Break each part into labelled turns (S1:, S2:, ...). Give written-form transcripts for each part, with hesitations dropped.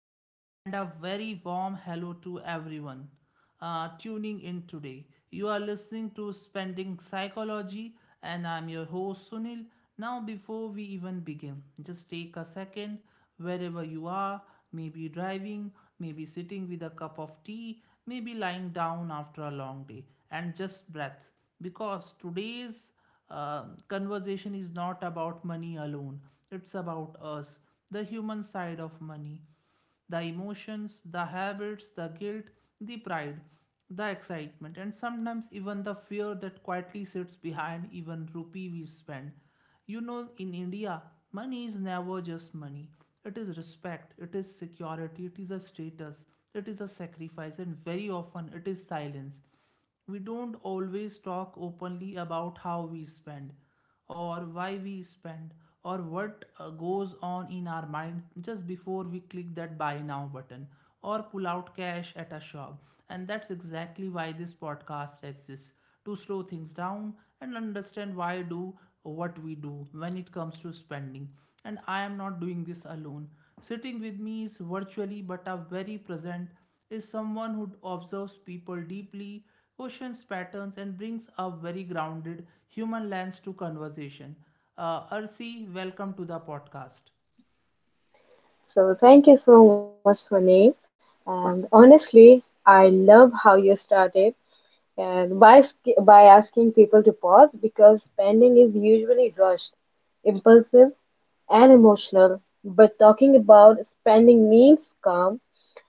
S1: welcome, and a very warm hello to everyone tuning in today. You are listening to Spending Psychology, and I'm your host Sunil. Now, before we even begin, just take a second wherever you are, maybe driving, maybe sitting with a cup of tea, maybe lying down after a long day, and just breath because today's conversation is not about money alone, it's about us, the human side of money, the emotions, the habits, the guilt, the pride, the excitement, and sometimes even the fear that quietly sits behind even rupee we spend. You know, in india money is never just money. It is respect, it is security, it is a status, it is a sacrifice, and very often it is silence. We don't always talk openly about how we spend, or why we spend, or what goes on in our mind just before we click that buy now button or pull out cash at a shop. And that's exactly why this podcast exists, to slow things down and understand why we do what we do when it comes to spending. And I am not doing this alone. Sitting with me is virtually but a very present is someone who observes people deeply, questions patterns, and brings a very grounded human lens to conversation. Arsi, welcome to the podcast.
S2: So thank you so much, Swanee. And honestly, I love how you started and by asking people to pause because spending is usually rushed, impulsive, and emotional. But talking about spending means calm.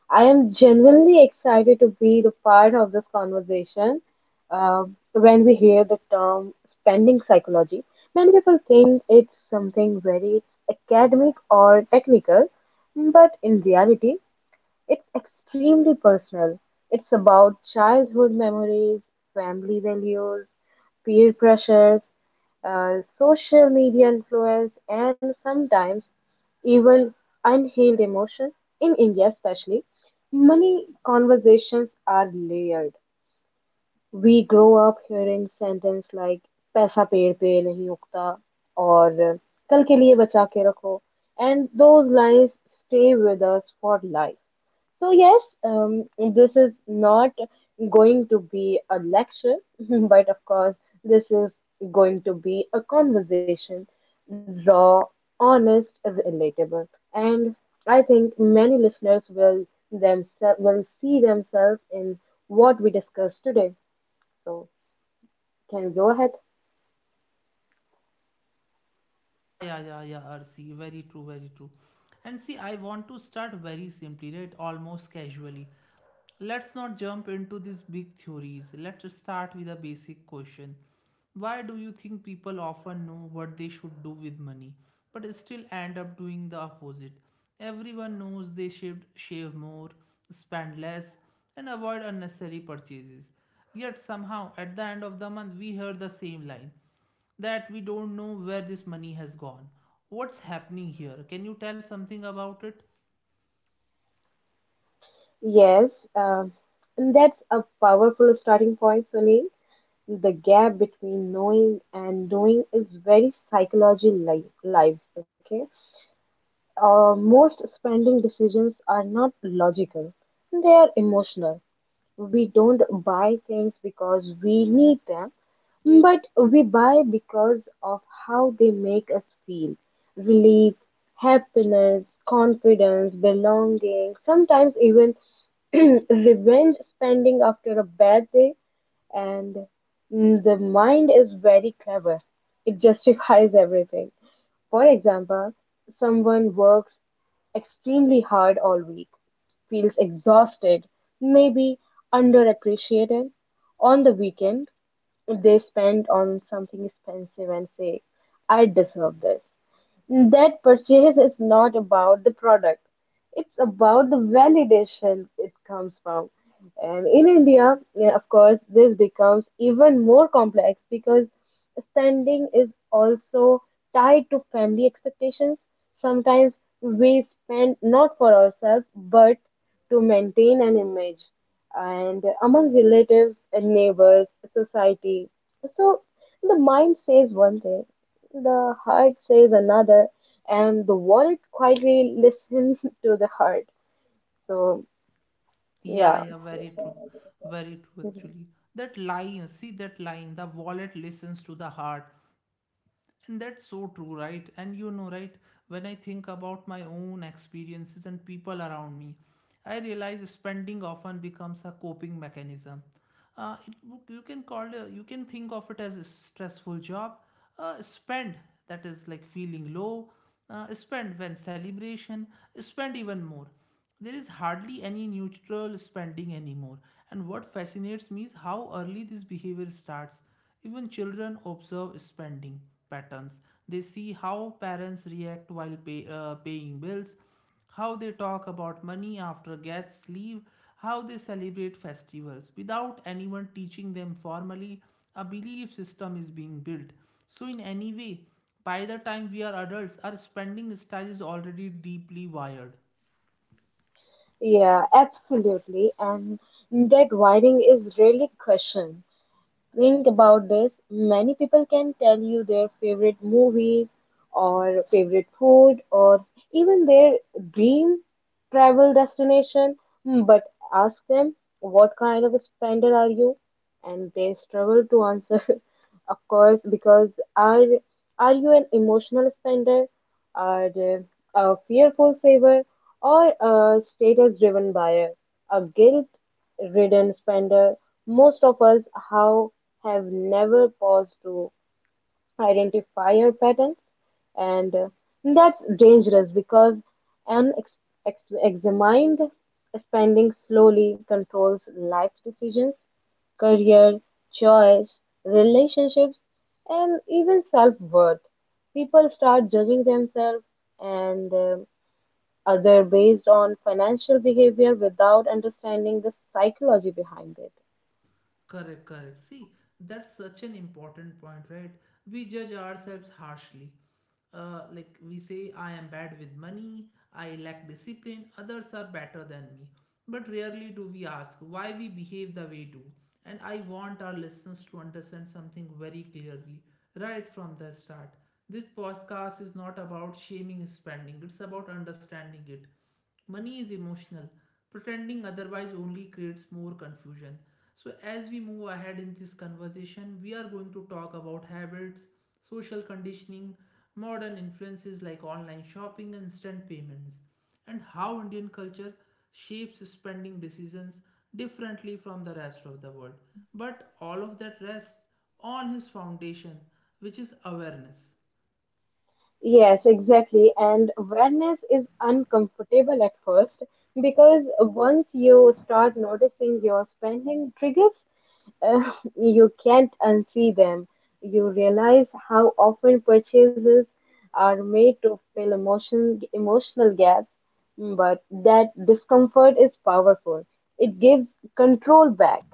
S2: I am genuinely excited to be the part of this conversation. Uh, when we hear the term spending psychology, many people think it's something very academic or technical, but in reality, it's extremely personal. It's about childhood memories, family values, peer pressures, social media influence, and sometimes even unhealed emotion. In India, especially, money conversations are layered. We grow up hearing sentence like पैसा पेड़ पे नहीं उगता और कल के लिए बचा के रखो, and those lines stay with us for life. So yes, this is not going to be a lecture, but of course, this is going to be a conversation, raw, honest, relatable, and I think many listeners will themselves will see themselves in what we discussed today. So can you go ahead?
S1: Yeah, yeah, yeah, yeah, Arsi. Very true, very true. And see, I want to start very simply, right? Almost casually. Let's not jump into these big theories. Let's start with a basic question. Why do you think people often know what they should do with money but still end up doing the opposite? Everyone knows they should shave more, spend less, and avoid unnecessary purchases. Yet somehow, at the end of the month, we hear the same line that we don't know where this money has gone. What's happening here? Can you tell something about it?
S2: Yes, um, and that's a powerful starting point, Sunil. The gap between knowing and doing is very lives. Okay, most spending decisions are not logical; they are emotional. We don't buy things because we need them, but we buy because of how they make us feel: relief, happiness, confidence, belonging, sometimes even revenge spending after a bad day. And the mind is very clever, it justifies everything. For example, someone works extremely hard all week, feels exhausted, maybe underappreciated. On the weekend, they spend on something expensive and say, "I deserve this." That purchase is not about the product, it's about the validation it comes from. And in India, yeah, of course, this becomes even more complex because spending is also tied to family expectations. Sometimes we spend not for ourselves but to maintain an image and among relatives and neighbors, society. So the mind says one thing, the heart says another, and the wallet quietly listens to the heart. So,
S1: Yeah,
S2: yeah.
S1: yeah, very true. Very true,
S2: Mhm.
S1: actually. That line, see that line, the wallet listens to the heart. And that's so true, right? And you know, right, when I think about my own experiences and people around me, I realize spending often becomes a coping mechanism. Uh, it, you can call it, you can think of it as a stressful job. Spend that is like feeling low. Spend when celebration. Spend even more. There is hardly any neutral spending anymore. And what fascinates me is how early this behavior starts, even children observe spending patterns. They see how parents react while paying bills, how they talk about money after guests leave, how they celebrate festivals. Without anyone teaching them formally, a belief system is being built. So, in any way, by the time we are adults, our spending style is already deeply wired.
S2: Yeah, absolutely. And that wiring is really question. Think about this. Many people can tell you their favorite movie or favorite food or even their dream travel destination, but ask them, what kind of a spender are you, and they struggle to answer of course. Because are are you an emotional spender, are they a fearful saver or a status driven buyer, a guilt ridden spender? Most of us how have never paused to identifier pattern. And that's dangerous because an examined spending slowly controls life decisions, career choice, relationships, and even self-worth. People start judging themselves and other based on financial behavior without understanding the psychology behind it.
S1: Correct, correct. See, that's such an important point, right? We judge ourselves harshly. Like we say, I am bad with money, I lack discipline, others are better than me. But rarely do we ask why we behave the way we do. And I want our listeners to understand something very clearly, right from the start. This podcast is not about shaming spending, it's about understanding it. Money is emotional. Pretending otherwise only creates more confusion. So as we move ahead in this conversation, we are going to talk about habits, social conditioning, modern influences like online shopping and instant payments, and how indian culture shapes spending decisions differently from the rest of the world. But all of that rests on his foundation, which is awareness.
S2: Yes, exactly. And awareness is uncomfortable at first because once you start noticing your spending triggers, uh, you can't unsee them. You realize how often purchases are made to fill emotional gaps, but that discomfort is powerful. It gives control back.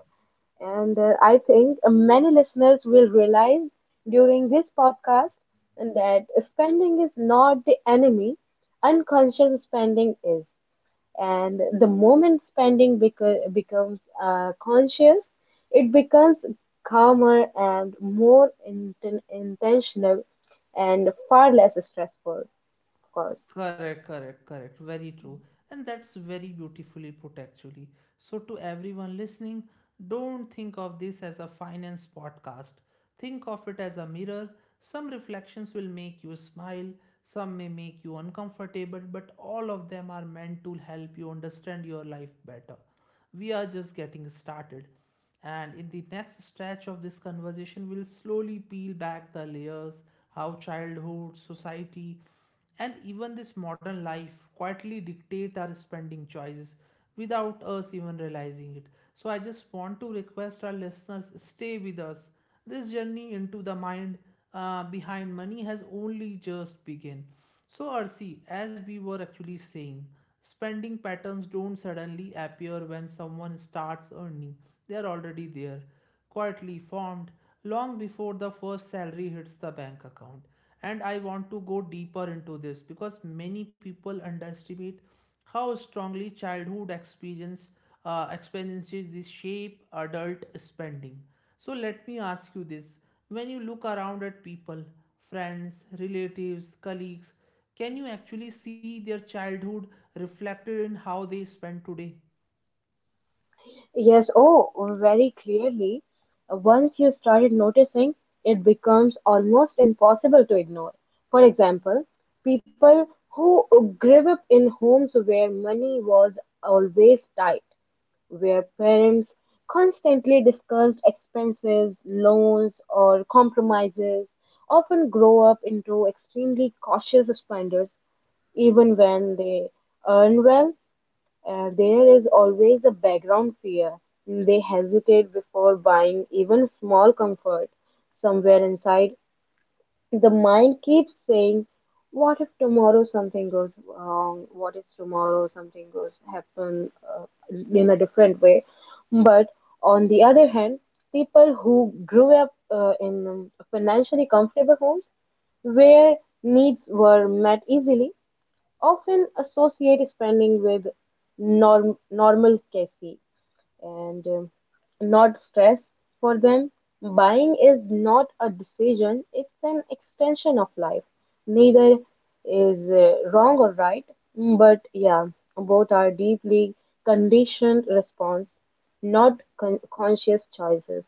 S2: And I think many listeners will realize during this podcast that spending is not the enemy, unconscious spending is. And the moment spending becomes conscious, it becomes calmer and more intentional and far less stressful, of course.
S1: Correct, correct, correct. Very true. And that's very beautifully put, actually. So, to everyone listening, don't think of this as a finance podcast. Think of it as a mirror. Some reflections will make you smile, some may make you uncomfortable, but all of them are meant to help you understand your life better. We are just getting started. And in the next stretch of this conversation, we'll slowly peel back the layers how childhood, society, and even this modern life quietly dictates our spending choices without us even realizing it. So I just want to request our listeners stay with us. This journey into the mind behind money has only just begun. So Arsi, as we were actually saying, spending patterns don't suddenly appear when someone starts earning. They are already there quietly formed long before the first salary hits the bank account. And I want to go deeper into this because many people underestimate how strongly childhood experience experiences this shape adult spending. So let me ask you this: when you look around at people, friends, relatives, colleagues, can you actually see their childhood reflected in how they spend today?
S2: Yes, oh, very clearly. Once you started noticing, it becomes almost impossible to ignore. For example, people who grew up in homes where money was always tight, where parents constantly discussed expenses, loans, or compromises, often grow up into extremely cautious spenders even when they earn well. There is always a background fear. They hesitate before buying even small comfort. Somewhere inside, the mind keeps saying, what if tomorrow something goes wrong? What if tomorrow something goes happen uh, in a different way? But on the other hand, people who grew up in financially comfortable homes where needs were met easily often associate spending with normal cafe and not stress for them. Buying is not a decision, it's an extension of life. Neither is wrong or right, but yeah, both are deeply conditioned response, not conscious choices.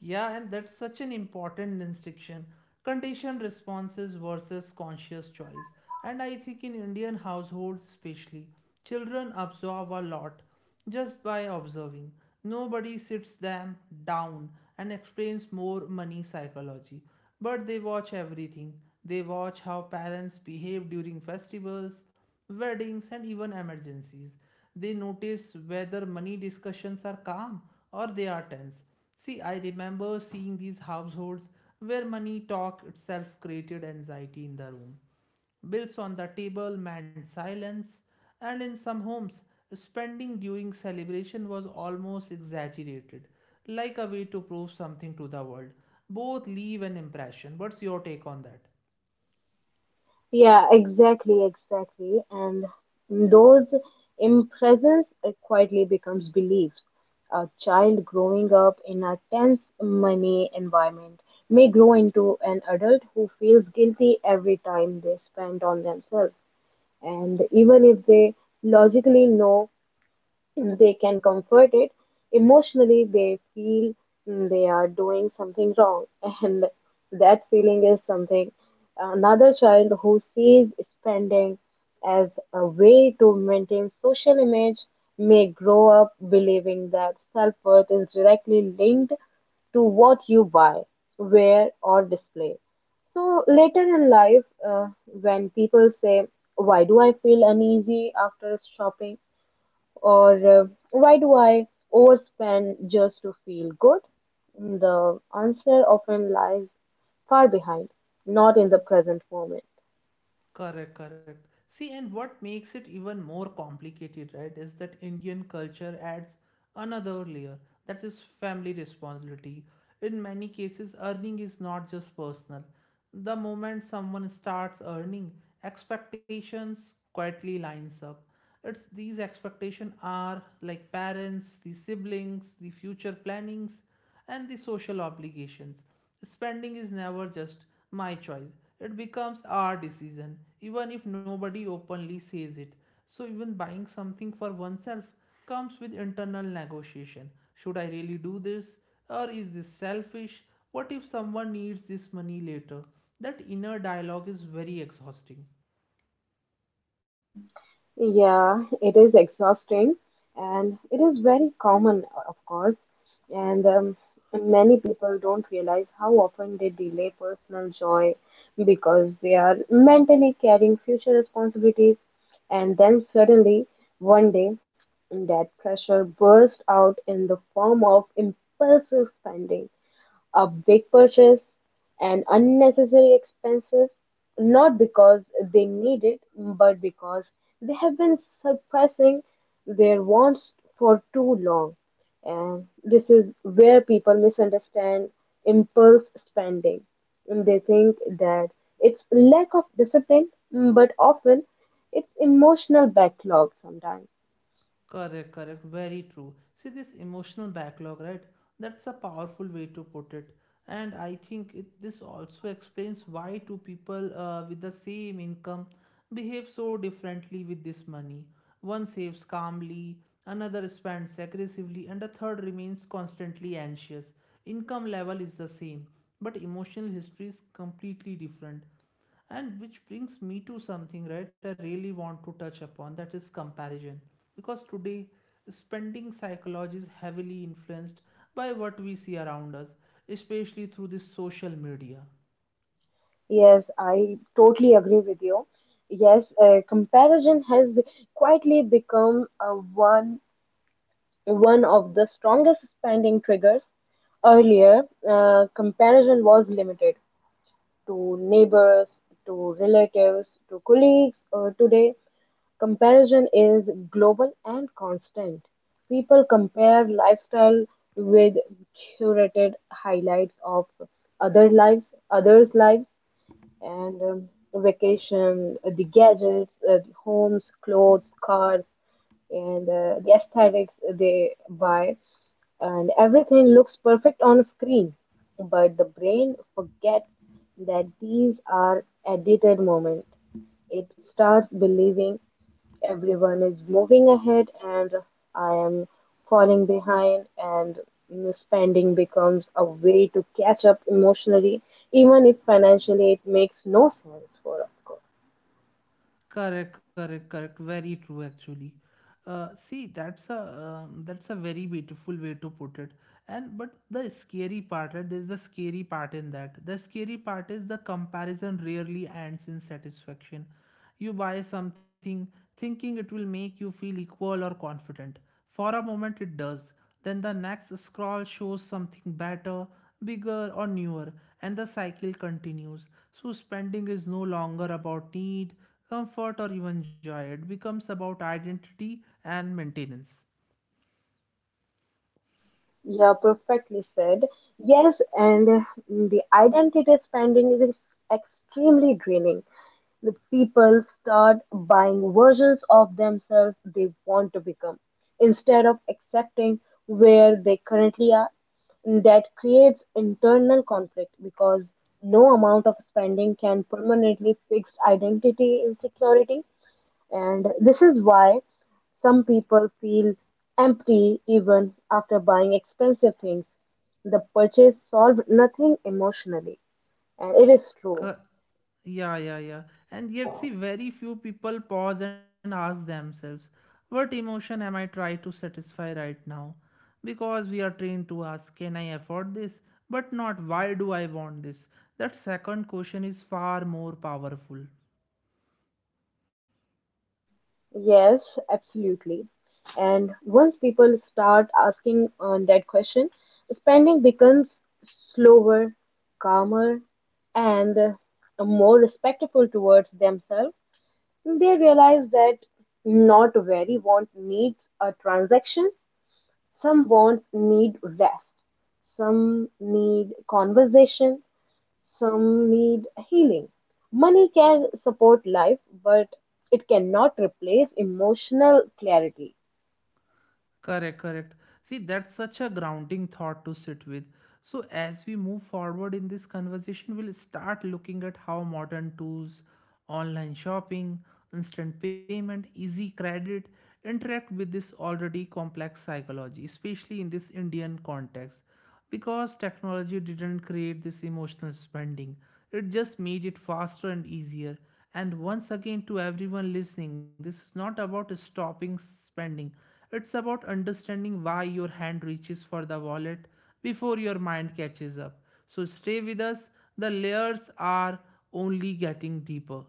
S1: Yeah, and that's such an important distinction. Conditioned responses versus conscious choice. And I think in Indian households, especially, children absorb a lot just by observing. Nobody sits them down and explains more money psychology, but they watch everything. They watch how parents behave during festivals, weddings, and even emergencies. They notice whether money discussions are calm or they are tense. See, I remember seeing these households where money talk itself created anxiety in the room. Bills on the table meant silence, and in some homes, spending during celebration was almost exaggerated, like a way to prove something to the world. Both leave an impression. What's your take on that?
S2: Yeah, exactly. And those impressions quietly becomes beliefs. A child growing up in a tense money environment may grow into an adult who feels guilty every time they spend on themselves. And even if they logically know they can comfort it, emotionally they feel they are doing something wrong and that feeling is something. Another child who sees spending as a way to maintain social image may grow up believing that self-worth is directly linked to what you buy, wear, or display. So later in life, when people say, why do I feel uneasy after shopping? Or uh, why do I overspend just to feel good? The answer often lies far behind, not in the present moment.
S1: Correct, correct. See, and what makes it even more complicated, right, is that Indian culture adds another layer, that is family responsibility. In many cases, earning is not just personal. The moment someone starts earning, expectations quietly lines up. It's these expectations are like parents, the siblings, the future plannings, and the social obligations. Spending is never just my choice, it becomes our decision, even if nobody openly says it. So, even buying something for oneself comes with internal negotiation. Should I really do this? Or is this selfish? What if someone needs this money later? That inner dialogue is very exhausting.
S2: Yeah, it is exhausting, and it is very common, of course. And many people don't realize how often they delay personal joy because they are mentally carrying future responsibilities. And then suddenly, one day, that pressure bursts out in the form of impulsive spending, a big purchase, an unnecessary expenses, not because they need it, but because they have been suppressing their wants for too long. And this is where people misunderstand impulse spending. And they think that it's lack of discipline, but often it's emotional backlog sometimes.
S1: Correct, correct, very true. See this emotional backlog, right? That's a powerful way to put it. And I think it, this also explains why two people with the same income behave so differently with this money. One saves calmly, another spends aggressively, and a third remains constantly anxious. Income level is the same, but emotional history is completely different. And which brings me to something, right? I really want to touch upon that is comparison. Because today, spending psychology is heavily influenced by what we see around us, especially through this social media.
S2: Yes, I totally agree with you. Yes, comparison has quietly become one of the strongest spending triggers. Earlier, comparison was limited to neighbors, to relatives, to colleagues. Today, comparison is global and constant. People compare lifestyle with curated highlights of others' lives and vacation, the gadgets, the homes, clothes, cars, and the aesthetics they buy, and everything looks perfect on screen. But the brain forgets that these are edited moments. It starts believing everyone is moving ahead and I am falling behind, and spending becomes a way to catch up emotionally even if financially it makes no sense for us.
S1: Correct, correct, correct. Very true, actually. See, that's a very beautiful way to put it. And but the scary part, right? There's the scary part in that. The scary part is the comparison rarely ends in satisfaction. You buy something thinking it will make you feel equal or confident, for a moment it does, then the next scroll shows something better, bigger, or newer, and the cycle continues. So, spending is no longer about need, comfort, or even joy, it becomes about identity and maintenance.
S2: Yeah, perfectly said. Yes, and the identity spending is extremely draining. The people start buying versions of themselves they want to become instead of accepting where they currently are. That creates internal conflict because no amount of spending can permanently fix identity insecurity. And this is why some people feel empty even after buying expensive things. The purchase solved nothing emotionally. And it is true.
S1: Cor- Yeah, yeah, yeah. And yet, see, very few people pause and ask themselves, what emotion am I trying to satisfy right now? Because we are trained to ask, can I afford this? But not, why do I want this? That second question is far more powerful.
S2: Yes, absolutely. And once people start asking that question, spending becomes slower, calmer, and more respectful towards themselves. They realize that not very want needs a transaction. Some won't need rest, some need conversation, some need healing. Money can support life, but it cannot replace emotional clarity.
S1: Correct, correct. See, that's such a grounding thought to sit with. So, as we move forward in this conversation, we'll start looking at how modern tools, online shopping, instant payment, easy credit interact with this already complex psychology, especially in this Indian context, because technology didn't create this emotional spending, it just made it faster and easier. And once again, to everyone listening, this is not about stopping spending, it's about understanding why your hand reaches for the wallet before your mind catches up. So stay with us, the layers are only getting deeper.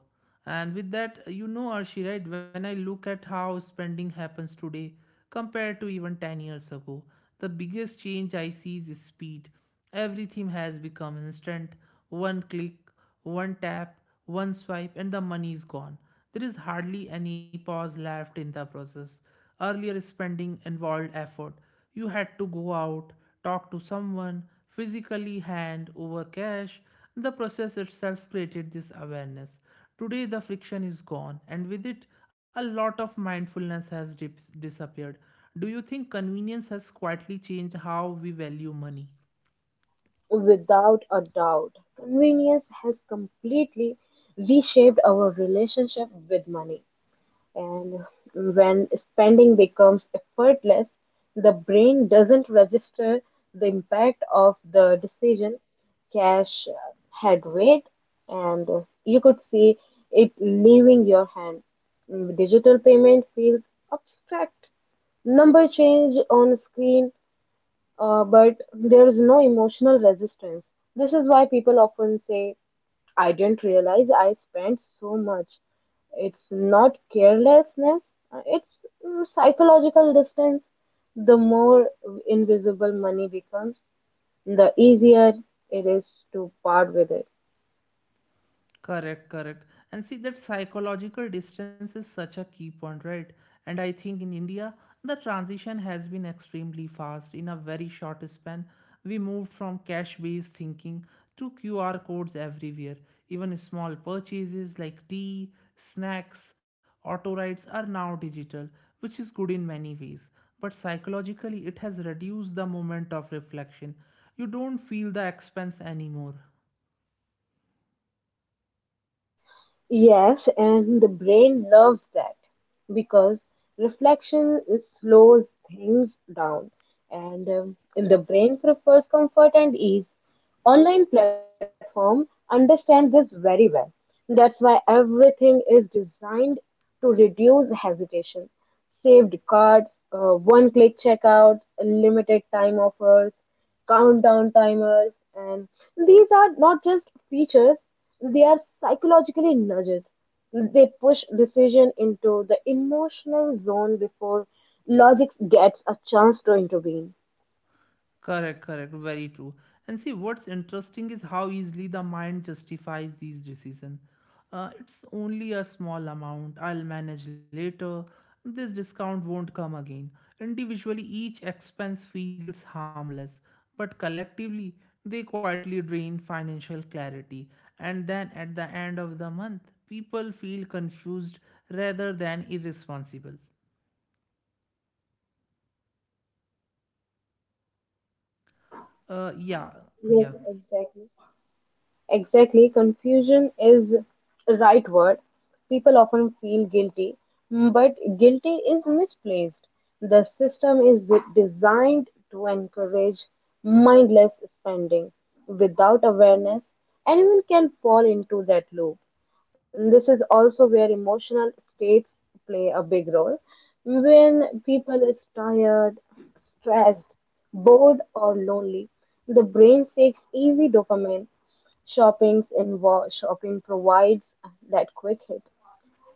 S1: And with that, you know, Arshi, right? When I look at how spending happens today compared to even 10 years ago, the biggest change I see is speed. Everything has become instant. One click, one tap, one swipe, and the money is gone. There is hardly any pause left in the process. Earlier, spending involved effort. You had to go out, talk to someone, physically hand over cash. The process itself created this awareness. Today, the friction is gone, and with it, a lot of mindfulness has disappeared. Do you think convenience has quietly changed how we value money?
S2: Without a doubt, convenience has completely reshaped our relationship with money. And when spending becomes effortless, the brain doesn't register the impact of the decision. Cash had weight, and you could see it leaving your hand. Digital payment feels abstract. Number change on screen, but there is no emotional resistance. This is why people often say, I didn't realize I spent so much. It's not carelessness, it's psychological distance. The more invisible money becomes, the easier it is to part with it.
S1: Correct, correct. And see, that psychological distance is such a key point, right? And I think in India, the transition has been extremely fast. In a very short span, we moved from cash based thinking to QR codes everywhere. Even small purchases like tea, snacks, auto rides are now digital, which is good in many ways. But psychologically, it has reduced the moment of reflection. You don't feel the expense anymore.
S2: Yes, and the brain loves that because reflection it slows things down, and the brain prefers comfort and ease. Online platform understand this very well. That's why everything is designed to reduce hesitation. Saved cards, one-click checkouts, limited time offers, countdown timers, and these are not just features, they are psychologically nudges. They push decision into the emotional zone before logic gets a chance to intervene.
S1: Correct, correct, very true. And see, what's interesting is how easily the mind justifies these decisions. It's only a small amount, I'll manage later, this discount won't come again. Individually, each expense feels harmless, but collectively, they quietly drain financial clarity. And then at the end of the month, people feel confused rather than irresponsible. Uh, yeah,
S2: Yes,
S1: yeah,
S2: exactly. Exactly, confusion is the right word. People often feel guilty, but guilty is misplaced. The system is designed to encourage mindless spending. Without awareness, anyone can fall into that loop. And this is also where emotional states play a big role. When people is tired, stressed, bored, or lonely, the brain seeks easy dopamine. Shopping provides that quick hit,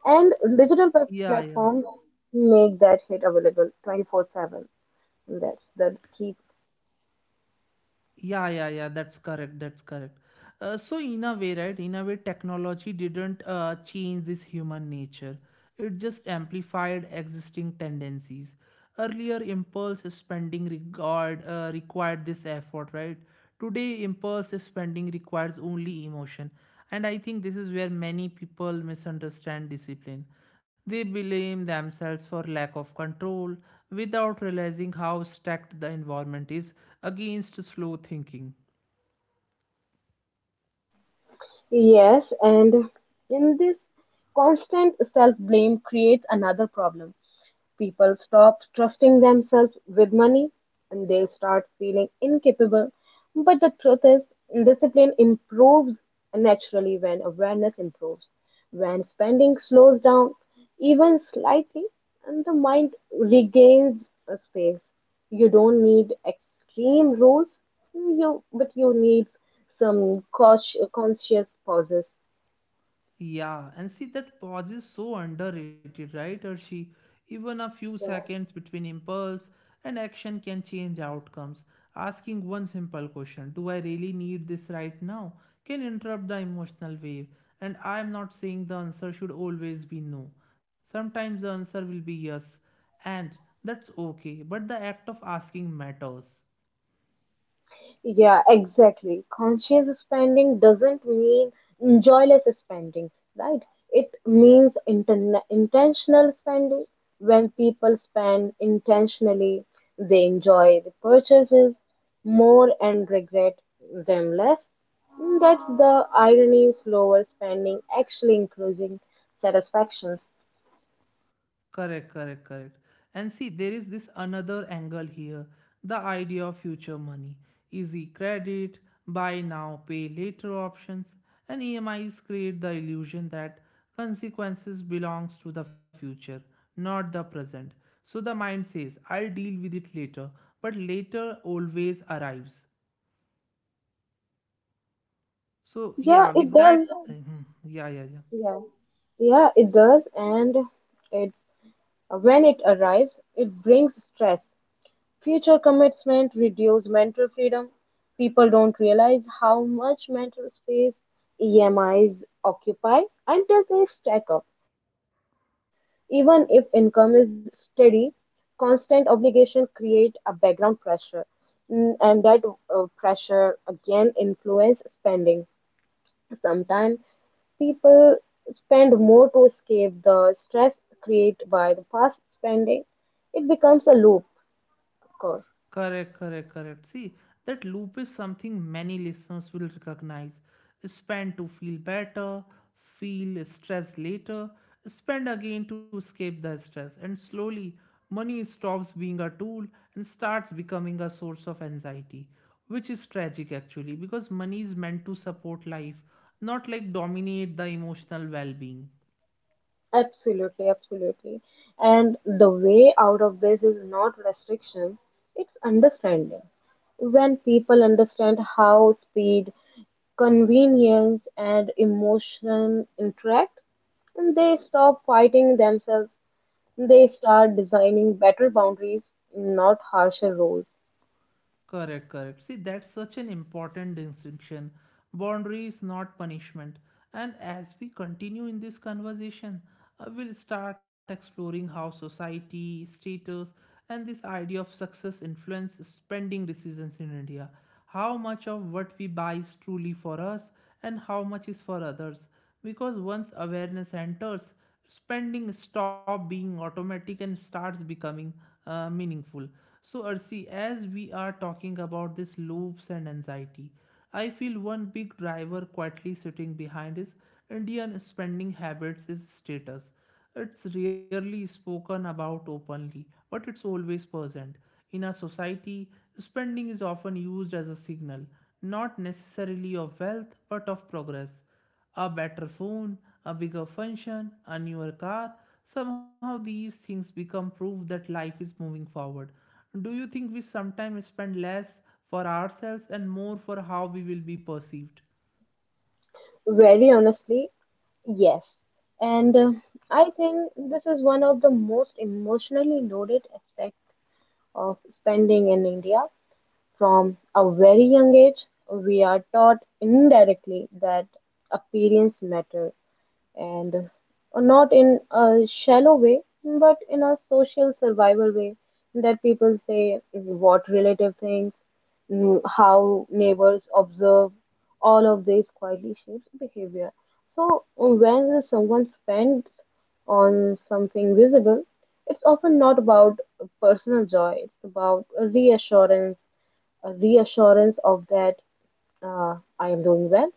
S2: and digital
S1: yeah, yeah.
S2: platforms make that hit available 24/7. That's the key.
S1: Yeah, yeah, yeah, that's correct. That's correct. So, in a way, right, in a way, technology didn't change this human nature, it just amplified existing tendencies. Earlier, impulse spending required this effort, right? Today, impulse spending requires only emotion. And I think this is where many people misunderstand discipline. They blame themselves for lack of control without realizing how stacked the environment is against slow thinking.
S2: Yes, and in this constant self blame creates another problem. People stop trusting themselves with money and they start feeling incapable. But the truth is, discipline improves naturally when awareness improves. When spending slows down, even slightly, and the mind regains a space. You don't need extreme rules, you but you need some cautious, conscious pauses.
S1: Yeah, and see that pause is so underrated, right, Arshi? Even a few seconds between impulse and action can change outcomes. Asking one simple question, do I really need this right now, can interrupt the emotional wave. And I am not saying the answer should always be no. Sometimes the answer will be yes, and that's okay, but the act of asking matters.
S2: Yeah, exactly. Conscious spending doesn't mean joyless spending, right? It means intentional spending. When people spend intentionally, they enjoy the purchases more and regret them less. That's the irony, slower spending actually increasing satisfaction.
S1: Correct, correct, correct. And see, there is this another angle here, the idea of future money. Easy credit, buy now, pay later options, and EMIs create the illusion that consequences belongs to the future, not the present. So the mind says, I'll deal with it later, but later always arrives. So
S2: Yeah,
S1: yeah,
S2: it
S1: with that,
S2: does.
S1: yeah, yeah, yeah.
S2: Yeah. Yeah, it does, and it when it arrives, it brings stress. Future commitment reduce mental freedom. People don't realize how much mental space EMIs occupy until they stack up. Even if income is steady, constant obligation create a background pressure. And that pressure again influence spending. Sometimes people spend more to escape the stress created by the fast spending. It becomes a loop, of course.
S1: Correct, correct, correct. See, that loop is something many listeners will recognize. Spend to feel better, feel stressed later, spend again to escape the stress, and slowly money stops being a tool and starts becoming a source of anxiety, which is tragic actually because money is meant to support life, not like dominate the emotional well being.
S2: Absolutely, absolutely. And the way out of this is not restriction, it's understanding. When people understand how speed, convenience, and emotion interact, they stop fighting themselves. They start designing better boundaries, not harsher rules.
S1: Correct, correct. See, that's such an important distinction. Boundary is not punishment. And as we continue in this conversation, we'll start exploring how society, status, and this idea of success influence spending decisions in India. How much of what we buy is truly for us, and how much is for others, because once awareness enters spending stop being automatic and starts becoming meaningful. So Ursi, as we are talking about these loops and anxiety, I feel one big driver quietly sitting behind is Indian spending habits is status. It's rarely spoken about openly, but it's always present. In a society, spending is often used as a signal, not necessarily of wealth but of progress. A better phone, a bigger function, a newer car. Somehow these things become proof that life is moving forward. Do you think we sometimes spend less for ourselves and more for how we will be perceived?
S2: Very honestly, yes. And I think this is one of the most emotionally loaded aspects of spending in India. From a very young age, we are taught indirectly that appearance matter, and not in a shallow way, but in a social survival way. That people say what relative thinks, how neighbors observe, all of this quietly shapes behavior. So when someone spends on something visible, it's often not about personal joy, it's about reassurance, a reassurance of that I am doing well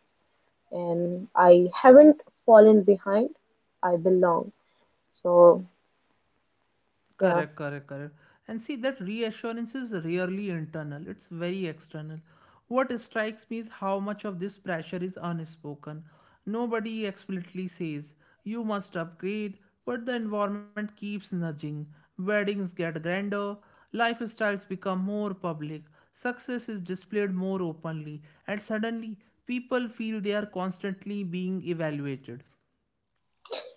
S2: and I haven't fallen behind. I belong. So,
S1: Correct,
S2: yeah,
S1: correct, correct. And see, that reassurance is rarely internal, it's very external. What strikes me is how much of this pressure is unspoken. Nobody explicitly says, you must upgrade, but the environment keeps nudging. Weddings get grander, lifestyles become more public, success is displayed more openly, and suddenly people feel they are constantly being evaluated.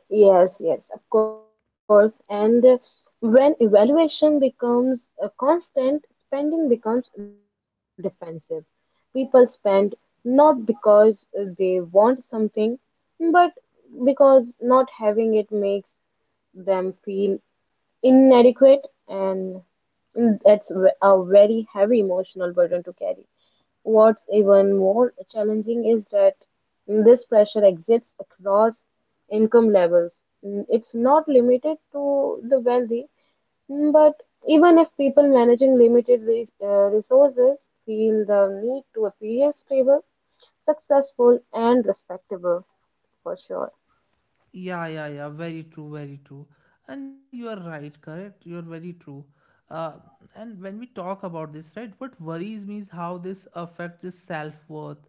S2: yes, yes, of course. And when evaluation becomes a constant, spending becomes defensive. People spend not because they want something, but because not having it makes them feel inadequate, and that's a very heavy emotional burden to carry. What's even more challenging is that this pressure exists across income levels. It's not limited to the wealthy, but even if people managing limited resources feel the need to appear stable, successful, and respectable, for sure.
S1: Yeah, yeah, yeah. Very true, very true. And you are right, correct? You're very true. Uh, and when we talk about this, right, what worries me is how this affects the self-worth.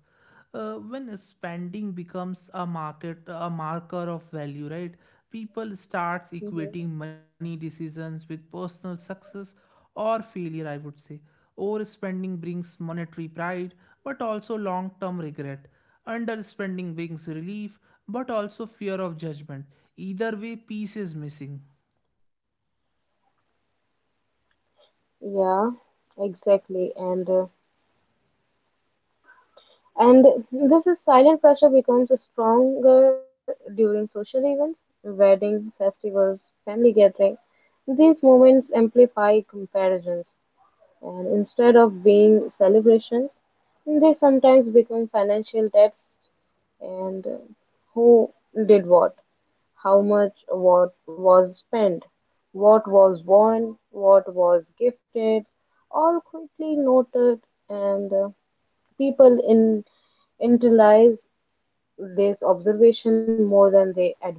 S1: When spending becomes a market, a marker of value, right? People starts
S2: Hmm.
S1: equating money decisions with personal success or failure, I would say. Overspending brings monetary pride, but also long-term regret. Underspending brings relief, but also fear of judgment. Either way, peace is missing.
S2: Yeah, exactly. And this is silent pressure becomes stronger during social events, wedding, festivals, family gatherings. These moments amplify comparisons, and instead of being celebrations, they sometimes become financial tests. And who did what, how much what was spent, what was worn, what was gifted, all quickly noted. And people in internalize this observation more than they admit.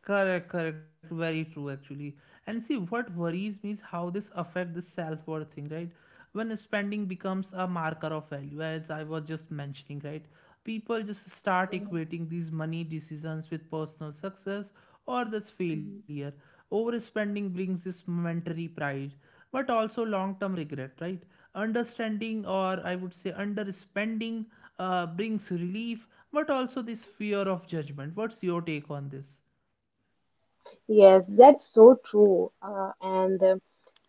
S1: Correct, correct. Very true, actually. And see, what worries me is how this affect this self-worth thing, right? When spending becomes a marker of value, as I was just mentioning, right? People just start equating these money decisions with personal success or this failure. Overspending brings this momentary pride, but also long-term regret, right? Understanding, or I would say underspending, brings relief, but also this fear of judgment. What's your take on this?
S2: Yes, that's so true. And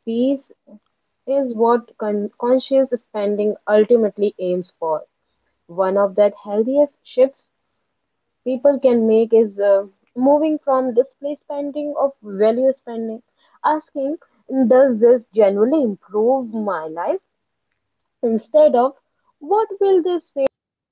S2: peace is what conscious spending ultimately aims for. One of that healthiest shifts people can make is moving from display spending of value spending, asking, does this genuinely improve my life? Instead of, what will this say about